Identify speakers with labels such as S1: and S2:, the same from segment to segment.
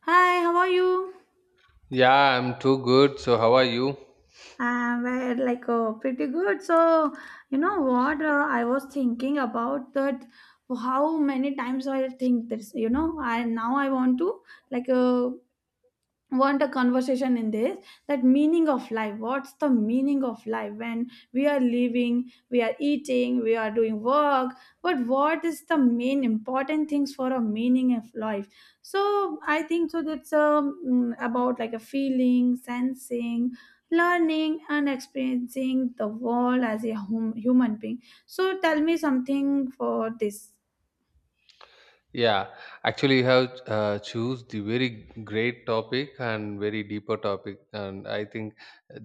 S1: Hi, how are you?
S2: Yeah, I'm too good. So, how are you?
S1: Pretty good. So, you know what? I was thinking about that. How many times I think this. I now I want to like uh, want a conversation in this, that meaning of life. What's the meaning of life? When we are living, we are eating, we are doing work, but what is the main important things for a meaning of life? So I think so that's about like a feeling, sensing, learning and experiencing the world as a human being. So tell me something for this.
S2: Yeah, actually, you have choose the very great topic and very deeper topic, and I think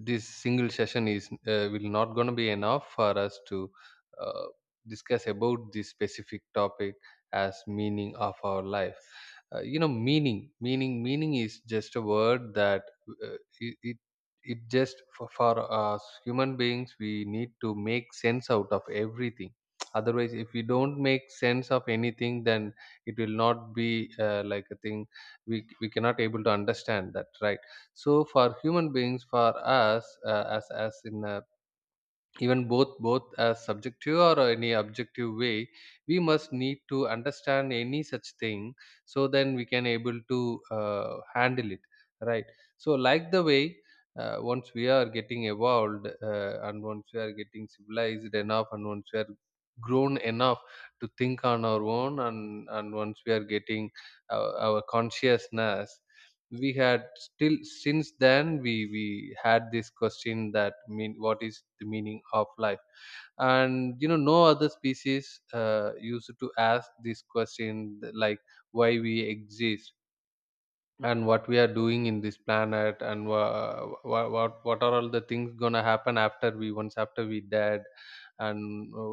S2: this single session is will not going to be enough for us to uh, discuss about this specific topic as meaning of our life. You know, meaning is just a word that uh, it, it it just for us human beings we need to make sense out of everything. Otherwise, if we don't make sense of anything, then it will not be like a thing, we cannot able to understand that, right? So for human beings, for us, as in a, even both as subjective or any objective way, we must need to understand any such thing, so then we can able to handle it, right? So like the way, once we are getting evolved, and once we are getting civilized enough, and once we are grown enough to think on our own, and once we are getting our consciousness, we had still since then we had this question that, mean, what is the meaning of life? And you know, no other species used to ask this question, like why we exist, and what we are doing in this planet, and what are all the things gonna happen after we, once after we dead, and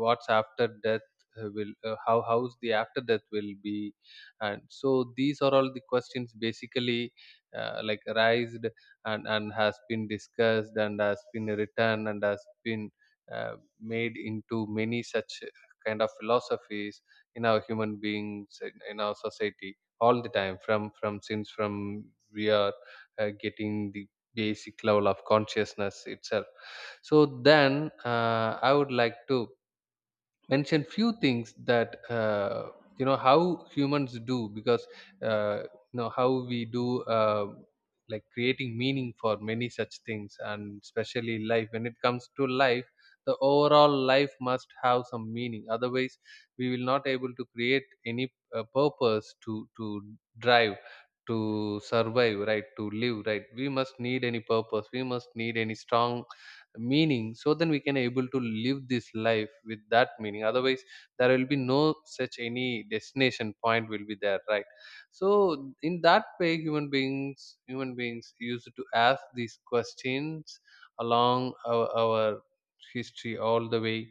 S2: what's after death, will how how's the after death will be? And so these are all the questions basically, like, raised, and has been discussed, and has been written, and has been made into many such kind of philosophies in our human beings, in our society, all the time, from since from we are getting the basic level of consciousness itself. So then, I would like to mention few things that, you know, how humans do, because uh, you know how we do, like creating meaning for many such things, and especially life. When it comes to life, the overall life must have some meaning, otherwise we will not able to create any purpose to drive, to survive, right? To live, right? We must need any purpose, we must need any strong meaning, so then we can able to live this life with that meaning. Otherwise there will be no such any destination point will be there, right? So in that way, human beings used to ask these questions along our history, all the way.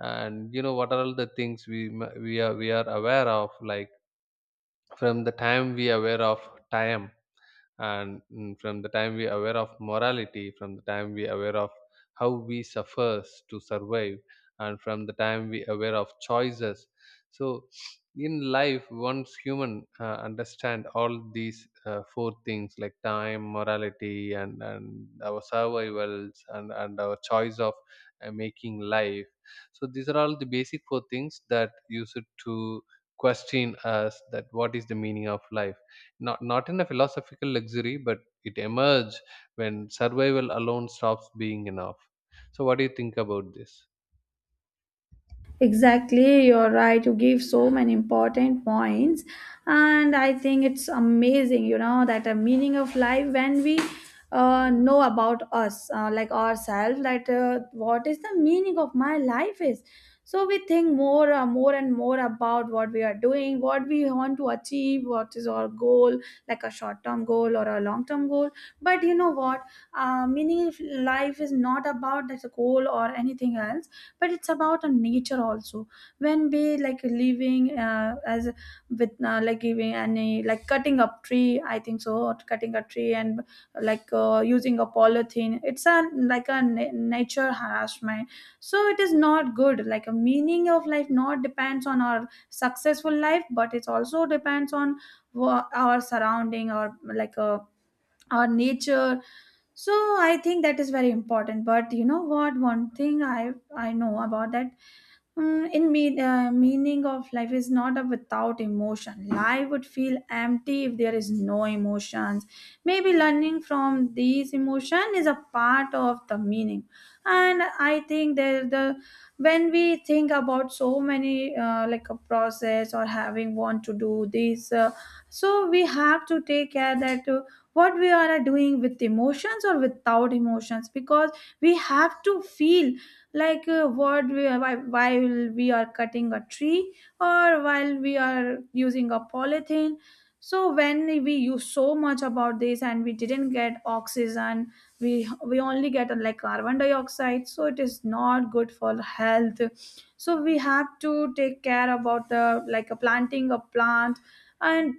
S2: And you know, what are all the things we are aware of? Like, from the time we are aware of time, and from the time we aware of morality, from the time we aware of how we suffers to survive, and from the time we aware of choices. So in life, once human understand all these four things, like time, morality, and our survivals, and our choice of making life. So these are all the basic four things that use it to question us that, what is the meaning of life? Not in a philosophical luxury, but it emerges when survival alone stops being enough. So what do you think about this?
S1: Exactly, you're right. You give so many important points, and I think it's amazing, you know, that the meaning of life when we know about us, like ourselves, that what is the meaning of my life is. So we think more, more and more about what we are doing, what we want to achieve, what is our goal, like a short-term goal or a long-term goal. But you know what? Meaning of life is not about that goal or anything else, but it's about a nature also. When we like living as with like giving any, like cutting up tree I think so, or cutting a tree and using a polythene, it's a like a nature harassment. So it is not good. Like a meaning of life not depends on our successful life, but it also depends on our surrounding, or like a, or nature. So I think that is very important. But you know what, one thing I know about that, in me, meaning of life is not a without emotion. Life would feel empty if there is no emotions. Maybe learning from these emotion is a part of the meaning. And I think that, the, when we think about so many like a process or having want to do this, so we have to take care that what we are doing with emotions or without emotions, because we have to feel like what we are, while we are cutting a tree or while we are using a polythene. So when we use so much about this and we didn't get oxygen, we only get like carbon dioxide, so it is not good for health. So we have to take care about the like a planting a plant. And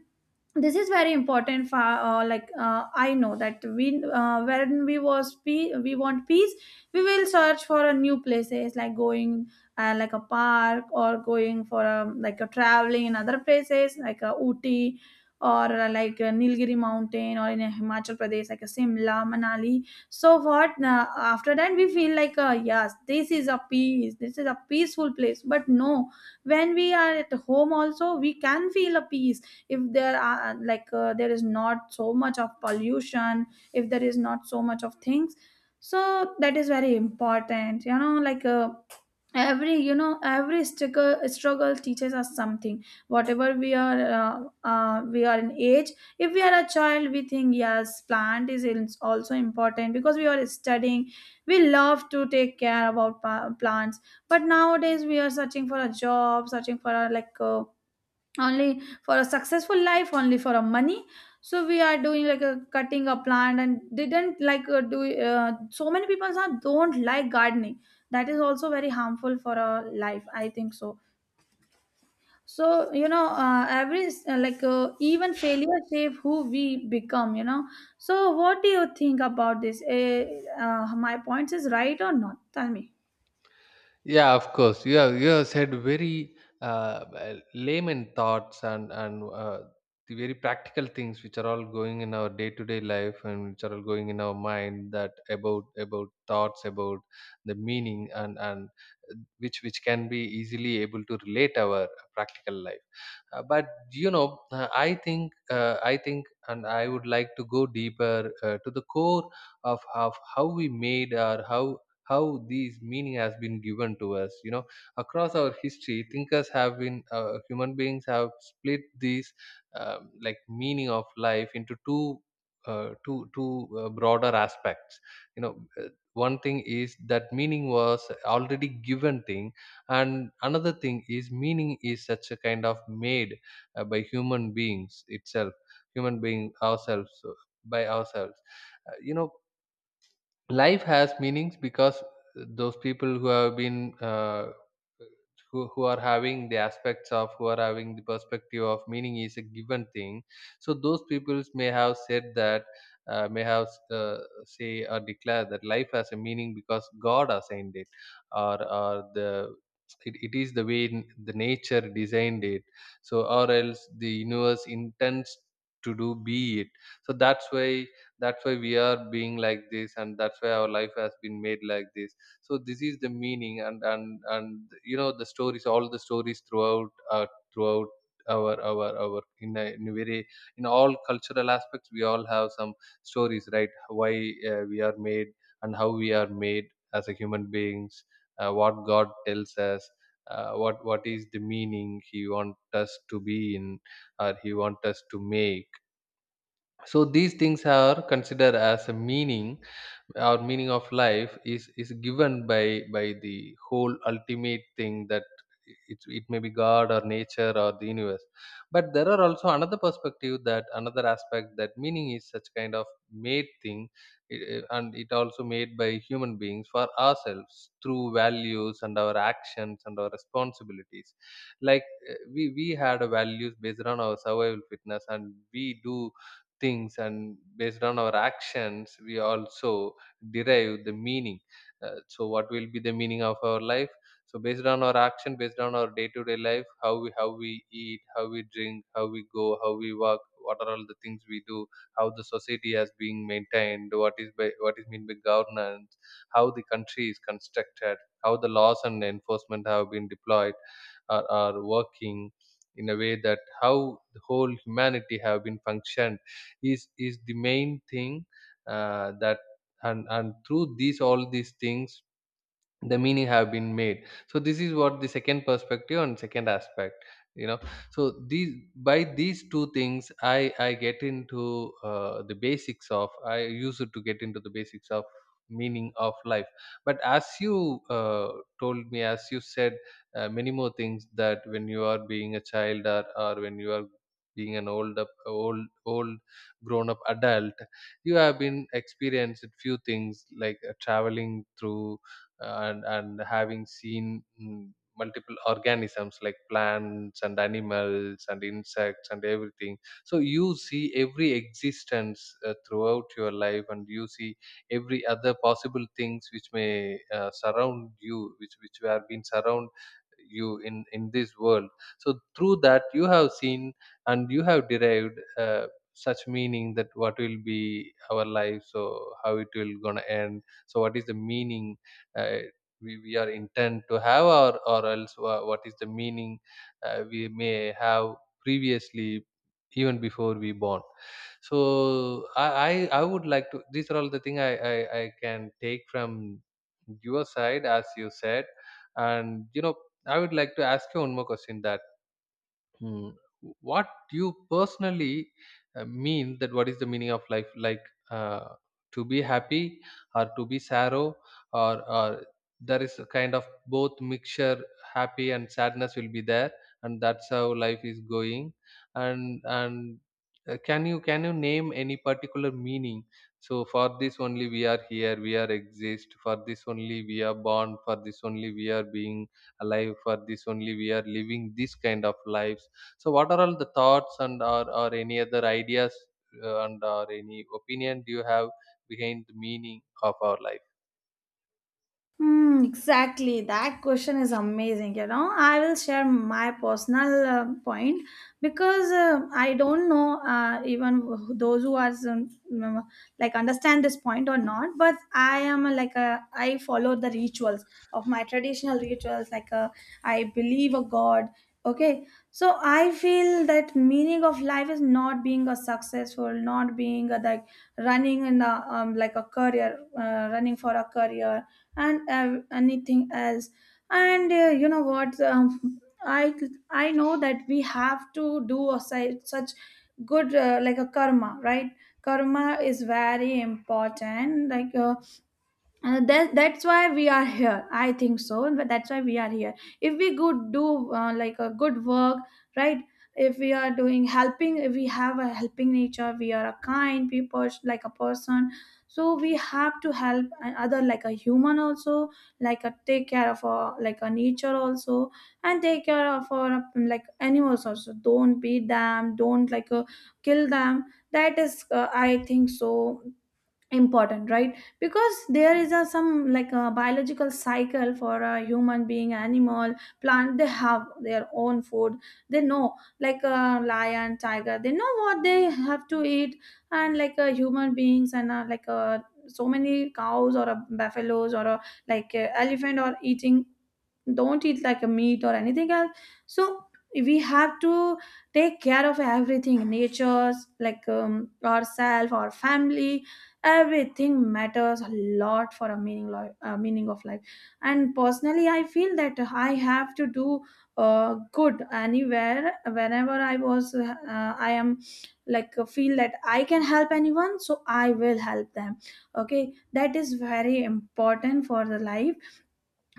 S1: this is very important for I know that we, when we was we want peace, we will search for a new places, like going like a park, or going for a, like a traveling in other places like a Uti, or like a Nilgiri mountain, or in a Himachal Pradesh, like a Simla, Manali. So what, after that we feel like, yes, this is a peace, this is a peaceful place. But no, when we are at home also, we can feel a peace, if there are there is not so much of pollution, if there is not so much of things. So that is very important, you know, like, every, you know, every struggle teaches us something, whatever we are in age. If we are a child, we think, yes, plant is also important because we are studying, we love to take care about plants. But nowadays we are searching for a job, searching for a, only for a successful life, only for a money. So we are doing like a cutting a plant and didn't like, do so many people are don't like gardening. That is also very harmful for a life, I think so. So you know, every like even failure shape who we become, you know. So what do you think about this? My points is right or not, tell me.
S2: Yeah, of course. You have said very layman thoughts, and the very practical things, which are all going in our day to day life, and which are all going in our mind, that about thoughts, about the meaning, and which can be easily able to relate our practical life. But you know, I think, and I would like to go deeper to the core of how we made, or how these meaning has been given to us. You know, across our history, thinkers have been, human beings have split these like, meaning of life into two two broader aspects. You know, one thing is that meaning was already given thing, and another thing is, meaning is such a kind of made by human beings itself, human being ourselves, by ourselves. You know, life has meanings because those people who have been who are having the aspects of, who are having the perspective of, meaning is a given thing. So those peoples may have said that, may have say or declare that life has a meaning because god assigned it, or the it, it is the way the nature designed it. So or else the universe intends to do, be it. So that's why, that's why we are being like this, and that's why our life has been made like this. So this is the meaning. And you know, the stories, all the stories throughout, throughout our in a very in all cultural aspects, we all have some stories, right? Why we are made, and how we are made as a human beings. What god tells us, what is the meaning he want us to be in, or he want us to make. So these things are considered as a meaning. Our meaning of life is given by the whole ultimate thing, that it may be god or nature or the universe. But there are also another perspective, that another aspect, that meaning is such kind of made thing, and it also made by human beings for ourselves through values and our actions and our responsibilities. Like, we had a values based on our survival fitness, and we do things, and based on our actions we also derive the meaning. So what will be the meaning of our life? So based on our action, based on our day-to-day life, how we eat, how we drink, how we go, how we walk, what are all the things we do, how the society has being maintained, what is by what is meant by governance, how the country is constructed, how the laws and enforcement have been deployed, are working in a way that, how the whole humanity have been functioned, is the main thing, that, and through these, all these things, the meaning have been made. So this is what the second perspective and second aspect, you know. So these, by these two things, I get into the basics of, I used to get into the basics of meaning of life. But as you told me, as you said, many more things, that when you are being a child, or when you are being an old up old old grown up adult, you have been experienced few things, like traveling through, and having seen, multiple organisms like plants and animals and insects and everything. So you see every existence throughout your life, and you see every other possible things which may surround you, which have been surround you in this world. So through that you have seen, and you have derived such meaning that, what will be our life, so how it will gonna end, so what is the meaning uh, we are intent to have, or else wha- what is the meaning we may have previously, even before we born. So I would like to, these are all the thing I can take from your side as you said. And you know, I would like to ask you one more question that, Hmm. What you personally mean that, what is the meaning of life? Like, uh, to be happy, or to be sorrow, or there is a kind of both mixture, happy and sadness will be there, and that's how life is going. And can you name any particular meaning? So for this only we are here, we are exist. For this only we are born. For this only we are being alive, for this only we are living this kind of lives. So what are all the thoughts, or any other ideas and or any opinion do you have behind the meaning of our life?
S1: Hmm, exactly. That question is amazing. You know, I will share my personal point, because I don't know, even those who are like understand this point or not. But I am a, like a, I follow the rituals of my traditional rituals. Like a, I believe a god. Okay, so I feel that meaning of life is not being a successful, not being a, like running in a like a career, running for a career and anything else. And you know what? I know that we have to do a such good like a karma, right? Karma is very important. Like that's why we are here I think so, and but that's why we are here. If we could do like a good work, right. If we are doing helping, if we have a helping nature, we are a kind people, like a person. So we have to help another like a human also, like a take care of our like a nature also, and take care of our like animals also. Don't beat them, don't like, kill them. That is, I think so, important, right, because there is a some like a biological cycle for a human being, animal, plant. They have their own food, they know, like a lion, tiger, they know what they have to eat. And like a human beings, and uh, like a so many cows, or a buffaloes, or a like a elephant, or eating, don't eat like a meat or anything else. So we have to take care of everything. Nature's, like, ourself, our family, everything matters a lot for a meaning life, meaning of life. And personally I feel that I have to do good anywhere, whenever I was I am like, feel that I can help anyone, so I will help them. Okay, that is very important for the life.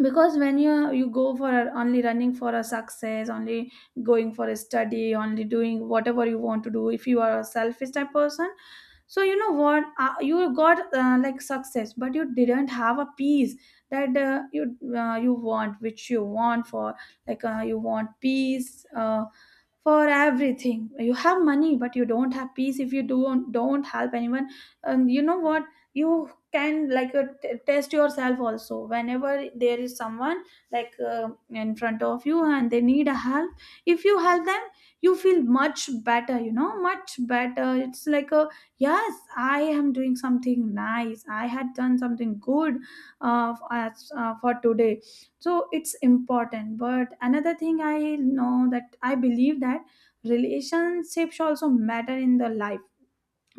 S1: Because when you go for only running for a success, only going for a study, only doing whatever you want to do, if you are a selfish type person, so you know what, you got, like success, but you didn't have a peace that you want, which you want for, you want peace for everything. You have money, but you don't have peace if you don't help anyone. And you know what, you can like, test yourself also. Whenever there is someone like in front of you and they need a help, if you help them, you feel much better, you know, much better. It's like a, yes, I am doing something nice, I had done something good, as, for today. So it's important. But another thing I know that I believe that relationships also matter in the life.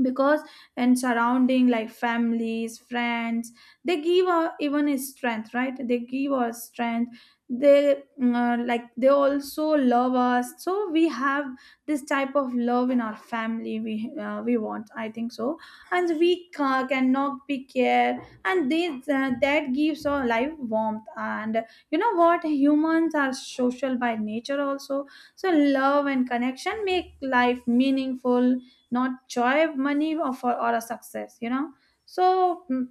S1: Because, and surrounding, like families, friends, they give our even a strength, right, they give us strength. They like they also love us, so we have this type of love in our family, we, we want, I think so. And we cannot be care, and this, that gives our life warmth. And you know what, humans are social by nature also. So love and connection make life meaningful, not joy of money, or for, or a success, you know. So,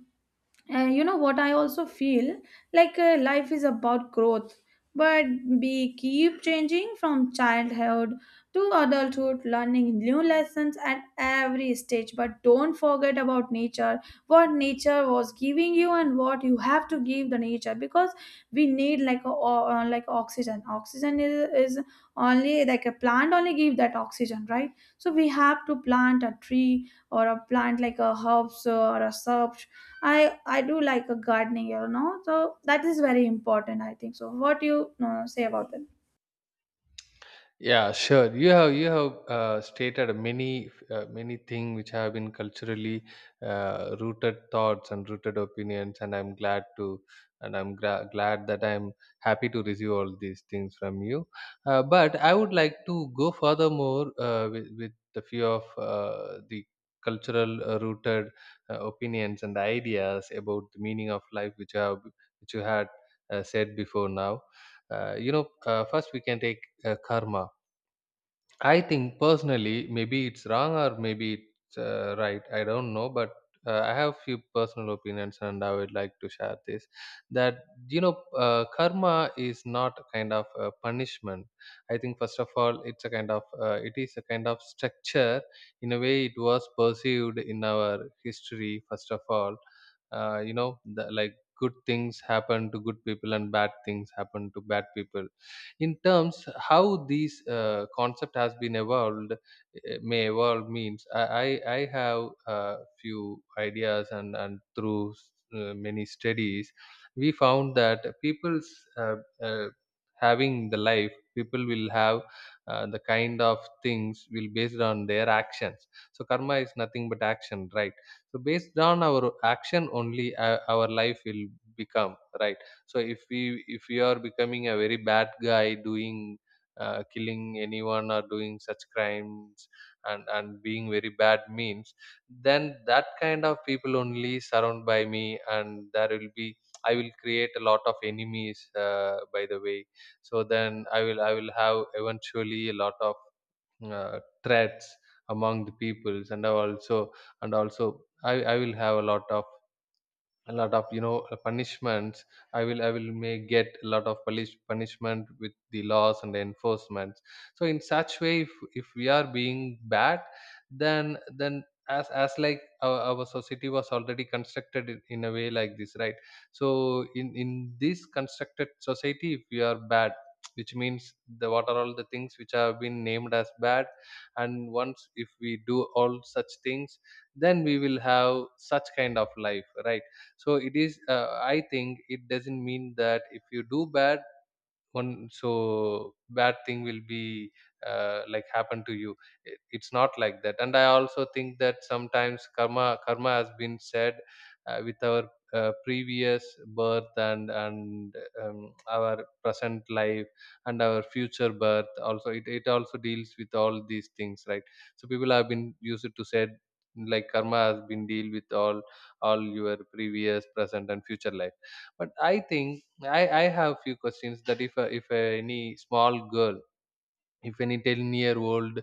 S1: and you know what, I also feel like, life is about growth, but we keep changing from childhood to adulthood, learning new lessons at every stage. But don't forget about nature, what nature was giving you, and what you have to give the nature, because we need like a, like oxygen. Oxygen is only like a plant only give that oxygen, right? So we have to plant a tree or a plant, like a herbs or a shrub. I do like a gardening, you know, so that is very important, I think. So, what do you say about
S2: Yeah, sure. You have stated many many things which have been culturally rooted thoughts and rooted opinions, and I'm glad to, and glad that I'm happy to receive all these things from you. But I would like to go furthermore with the few of the cultural rooted opinions and ideas about the meaning of life, which you have, which you had said before now. First we can take karma. I think personally, maybe it's wrong or maybe it's right. I don't know, but I have few personal opinions, and I would like to share this. That karma is not a kind of a punishment. I think first of all, it's a kind of structure. In a way, it was perceived in our history. First of all, you know, the, like, good things happen to good people and bad things happen to bad people. In terms how these concept has been evolved, may evolve, means I have uh, few ideas, and through many studies we found that people's uh, uh, having the life, people will have the kind of things will based on their actions. So karma is nothing but action, right? So based on our action only, our life will become right. So if we are becoming a very bad guy, doing killing anyone or doing such crimes, and being very bad, means then that kind of people only surround by me, and there will be I will create a lot of enemies by the way. So then I will have eventually a lot of threats among the peoples, and I also, and also I will have a lot of punishments. I will may get a lot of punishment with the laws and the enforcements. So in such way, if we are being bad, then as like our society was already constructed in a way like this, right? So in this constructed society, if we are bad, which means the what are all the things which have been named as bad, and once if we do all such things, then we will have such kind of life, right? So it is, I think, it doesn't mean that if you do bad one, so bad thing will be like happen to you. It- it's not like that. And I also think that sometimes karma has been said with our previous birth and our present life, and our future birth also. It it also deals with all these things, right? So people have been used to said like karma has been deal with all your previous, present and future life. But I think I have few questions that if a, any small girl, if any 10-year old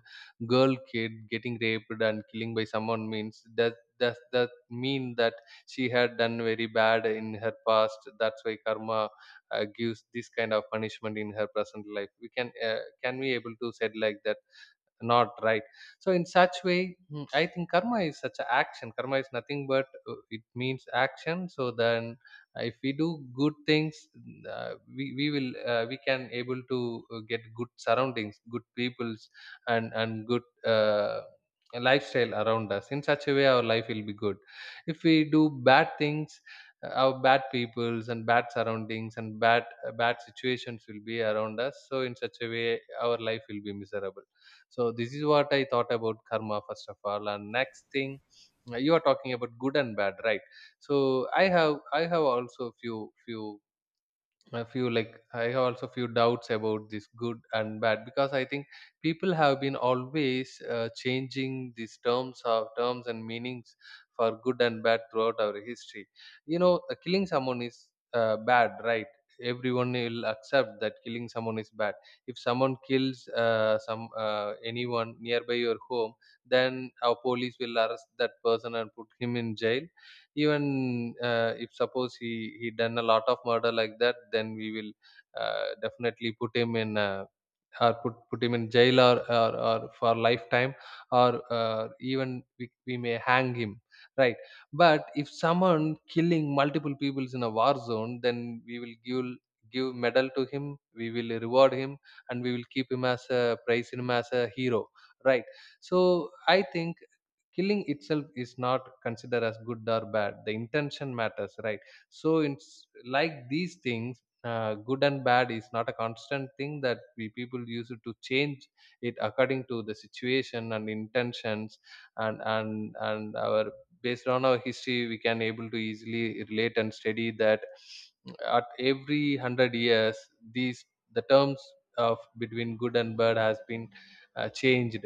S2: girl kid getting raped and killing by someone, means that does that mean that she had done very bad in her past? That's why karma gives this kind of punishment in her present life. We can we able to said like that? Not right. So in such way, I think karma is such an action. Karma is nothing but, it means action. So then if we do good things, we will we can able to get good surroundings, good peoples, and good lifestyle around us. In such a way our life will be good. If we do bad things, our bad peoples and bad surroundings and bad situations will be around us, so in such a way our life will be miserable. So this is what I thought about karma first of all. And next thing, you are talking about good and bad, right? So I have also few few a few like I have also few doubts about this good and bad, because I think people have been always changing these terms of terms and meanings for good and bad throughout our history. You know, killing someone is bad, right? Everyone will accept that killing someone is bad. If someone kills some anyone nearby your home, then our police will arrest that person and put him in jail. Even if suppose he done a lot of murder like that, then we will definitely put him in or put put him in jail or or, for lifetime, or even we may hang him, right? But if someone killing multiple peoples in a war zone, then we will give medal to him, we will reward him, and we will keep him as a praise him as a hero, right? So I think killing itself is not considered as good or bad, the intention matters, right? So it's like these things, good and bad is not a constant thing, that we people use it to change it according to the situation and intentions. And our, based on our history, we can able to easily relate and study that at every 100 years these the terms of between good and bad has been changed,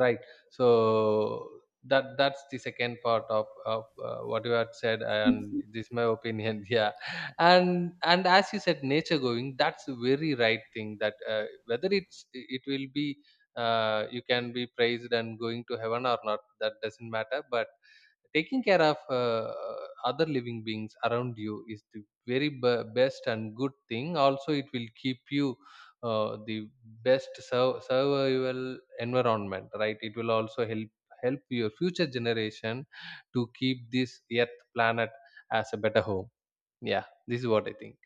S2: right? So that that's the second part of what you had said, and
S1: that?
S2: this is my opinion. Yeah. And as you said, nature going, that's a very right thing, that whether it's it will be, you can be praised and going to heaven or not, that doesn't matter. But taking care of other living beings around you is the very best and good thing. Also, it will keep you the best survival environment, right? It will also help help your future generation to keep this earth planet as a better home. Yeah, this is what I think.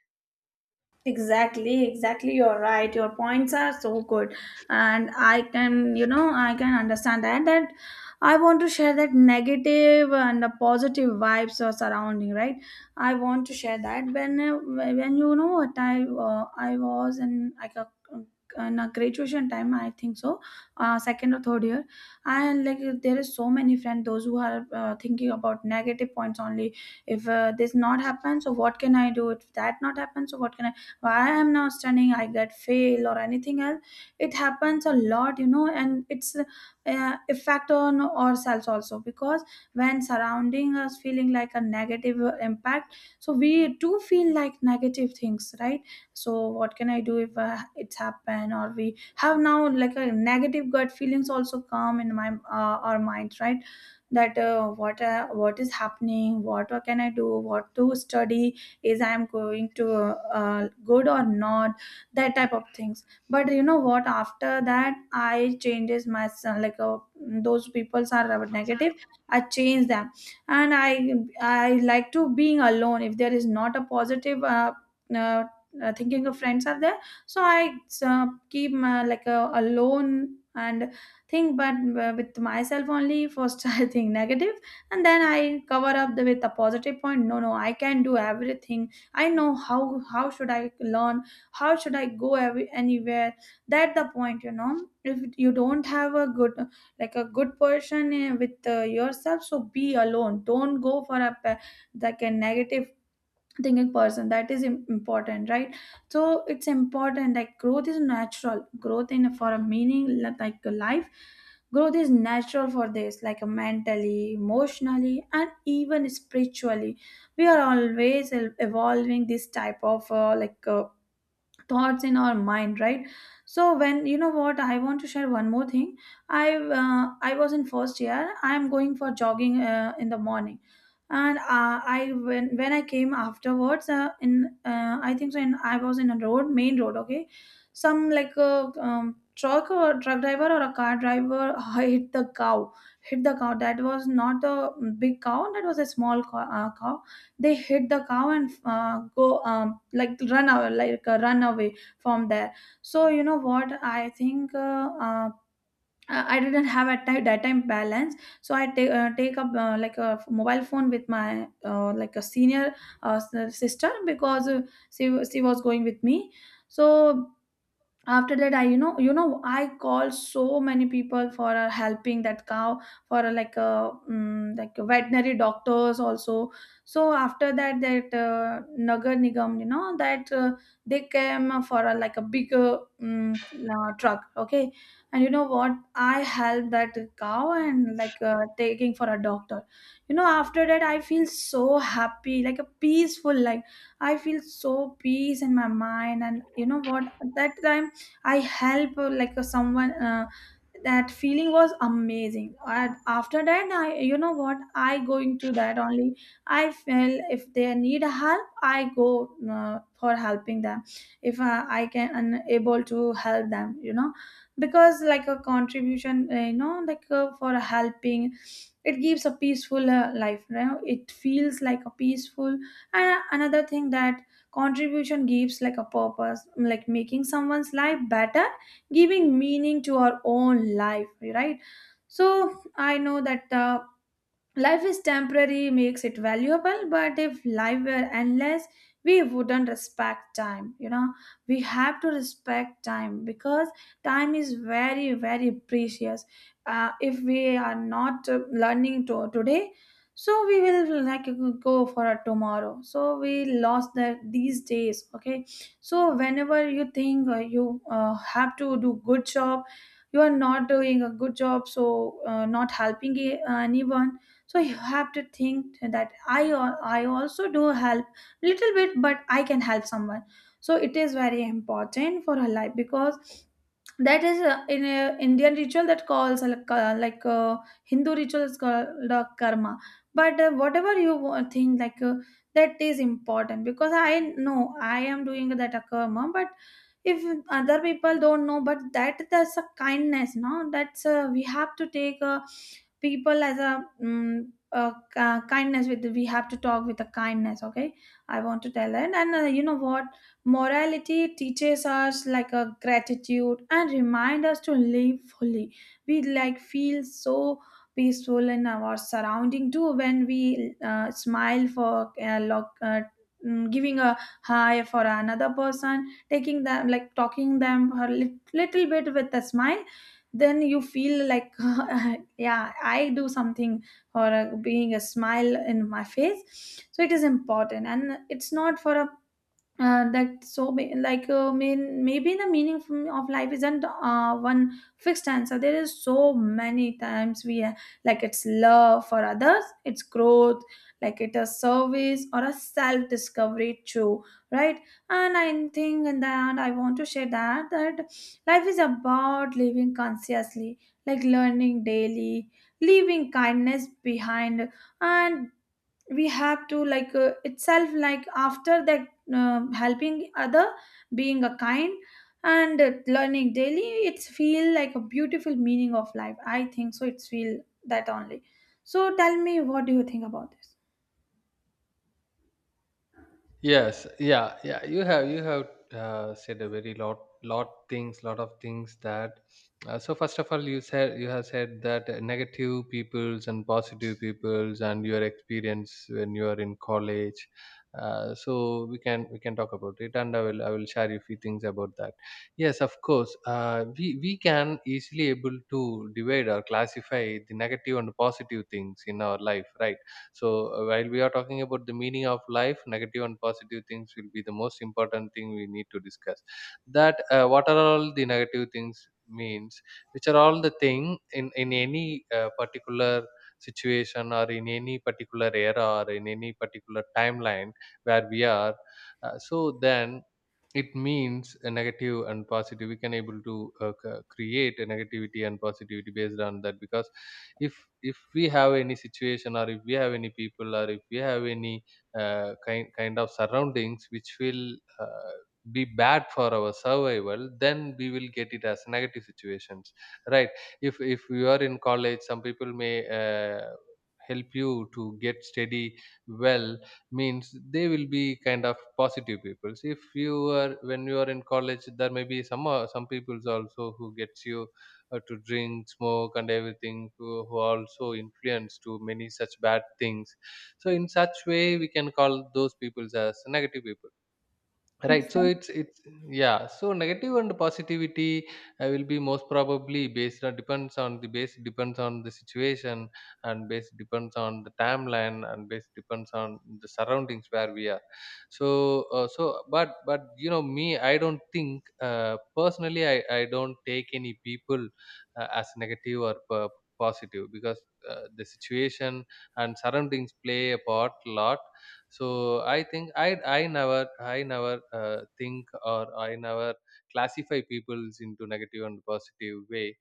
S1: Exactly, exactly. You're right. Your points are so good. And I can, you know, I can understand that. That I want to share that negative and the positive vibes are surrounding, right? I want to share that. When you know what I was in like a, in a graduation time, I think so, second or third year. And like there is so many friends, those who are thinking about negative points only. If this not happens, so what can I do? If that not happens, so what can I? Why I'm not studying, I get fail or anything else. It happens a lot, and it's effect on ourselves also, because when surrounding us feeling like a negative impact, so we do feel like negative things, right? So what can I do if it's happened, or we have now like a negative gut feelings also come in my our minds, right? That what is happening, what can I do, what to study, is I'm going to good or not, that type of things. But you know what, after that I changes my son like, those peoples are negative, I change them. And I like to being alone. If there is not a positive uh, thinking of friends are there, so I keep my, like alone and think. But with myself only first. I think negative, and then I cover up the, with a positive point. No, no, I can do everything. I know how should I learn, how should I go every, anywhere. That the point, you know, if you don't have a good, like a good person with yourself, so be alone. Don't go for a pe- like a negative thinking person. That is important, right? So it's important, like growth is natural, growth in for a meaning like a life. Growth is natural for this, like a mentally, emotionally and even spiritually we are always evolving this type of thoughts in our mind, right? So when you know what, I want to share one more thing. i I was in first year. I'm going for jogging in the morning, and I when I came afterwards, in I think so, in I was in a road, main road. Okay, some like a um, truck or truck driver or a car driver hit the cow. Hit the cow. That was not a big cow, that was a small cow, cow. They hit the cow and go like run away, like run away from there. So you know what, I think I I didn't have at time, that time balance. So I take take up like a mobile phone with my like a senior uh, sister, because she she was going with me. So after that, I I call so many people for helping that cow, for like a like veterinary doctors also. So after that, that nagar nigam, you know, that they came for like a bigger truck. Okay, and you know what, I helped that cow and like taking for a doctor. You know, after that I feel so happy, like a peaceful, like I feel so peace in my mind. And you know what, at that time, I help someone, that feeling was amazing. And after that, I you know what I going to that only. I feel if they need help, I go for helping them. If I can unable to help them, you know, because like a contribution, for helping, it gives a peaceful life, you know. It feels like a peaceful. And another thing, that contribution gives like a purpose, like making someone's life better, giving meaning to our own life, right? So I know that, life is temporary makes it valuable, but if life were endless, we wouldn't respect time. You know, we have to respect time, because time is very, very precious. If we are not learning to today, so we will like go for a tomorrow. So we lost that these days. Okay, so whenever you think you have to do good job, you are not doing a good job, so not helping anyone. So you have to think that I also do help little bit, but I can help someone. So it is very important for her life, because that is in a Indian ritual, that calls Hindu ritual, is called karma. But whatever you think, like that is important, because I know I am doing that a karma. But if other people don't know, but that's a kindness, no, that's we have to take people as a, a kindness with, we have to talk with a kindness. Okay, I want to tell that. And you know what, morality teaches us like a gratitude and remind us to live fully. We like feel so peaceful in our surrounding too, when we smile for giving a hi for another person, taking them, like talking them a little bit with a smile. Then you feel like, yeah, I do something for being a smile in my face. So it is important. And it's not for a that, so maybe the meaning of life isn't one fixed answer. There is so many times we like, it's love for others, it's growth, like it is service or a self discovery too, right? And I think in the end I want to share that, that life is about living consciously, like learning daily, leaving kindness behind. And we have to like itself, like after that, helping other, being a kind, and learning daily. It's feel like a beautiful meaning of life, I think. So it's feel that only. So tell me, what do you think about this?
S2: Yes, yeah, yeah. You have said a very lot things, lot of things that. So first of all, you said you have said that negative peoples and positive peoples and your experience when you are in college. So we can talk about it, and I will share a few things about that. Yes, of course. We can easily able to divide or classify the negative and positive things in our life, right? So while we are talking about the meaning of life, negative and positive things will be the most important thing we need to discuss. That what are all the negative things means, which are all the thing in any particular situation, or in any particular era, or in any particular timeline where we are. So then it means a negative and positive, we can able to create a negativity and positivity based on that. Because if if we have any situation, or if we have any people, or if we have any kind of surroundings which will uh, be bad for our survival, then we will get it as negative situations, right? If you are in college, some people may uh, help you to get steady, well, means they will be kind of positive people. If you are, when you are in college, there may be some people's also who gets you to drink, smoke, and everything, who also influence to many such bad things. So, in such way, we can call those people as negative people. Right. So
S1: Exactly,
S2: it's, yeah. So negative and positivity will be most probably based on, depends on the base, depends on the situation, and base depends on the timeline, and base depends on the surroundings where we are. So so but, you know me, I don't think personally, I don't take any people as negative or positive, because the situation and surroundings play a part lot. So I think I never think, or I never classify peoples into negative and positive way.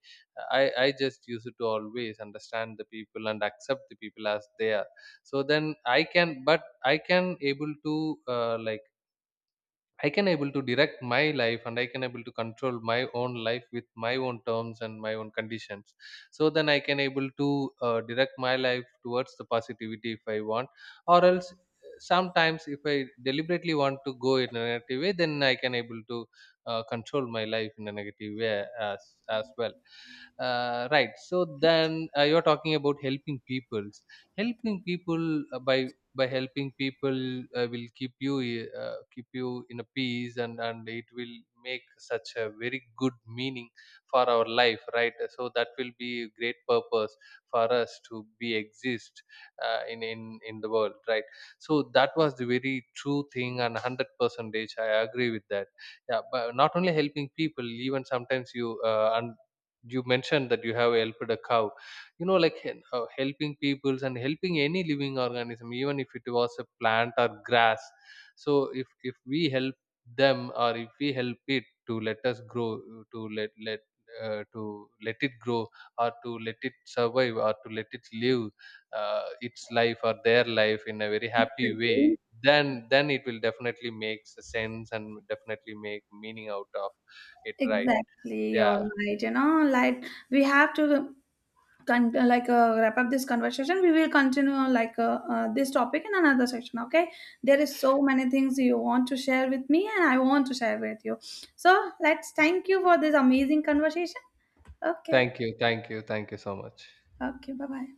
S2: I just use it to always understand the people and accept the people as they are. So then I can, but I can able to like I can able to direct my life, and I can able to control my own life with my own terms and my own conditions. So then I can able to direct my life towards the positivity if I want, or else sometimes if I deliberately want to go in a negative way, then I can able to control my life in a negative way as well. Right. So then you're talking about helping peoples, helping people by helping people will keep you in a peace, and it will make such a very good meaning for our life, right? So that will be a great purpose for us to be exist in in the world, right? So that was the very true thing, and 100 percentage I agree with that. Yeah, but not only helping people, even sometimes you, and you mentioned that you have helped a cow. You know, like helping peoples and helping any living organism, even if it was a plant or grass. So if we help them, or if we help it to let us grow, to let let to let it grow, or to let it survive, or to let it live its life or their life in a very happy way, then it will definitely make sense and definitely make meaning out of it, right?
S1: exactly,
S2: Yeah,
S1: you're right. You know, like we have to con- like wrap up this conversation. We will continue on like this topic in another section. Okay, there is so many things you want to share with me and I want to share with you. So let's, thank you for this amazing conversation. Okay.
S2: thank you, thank you so much.
S1: Okay, bye bye.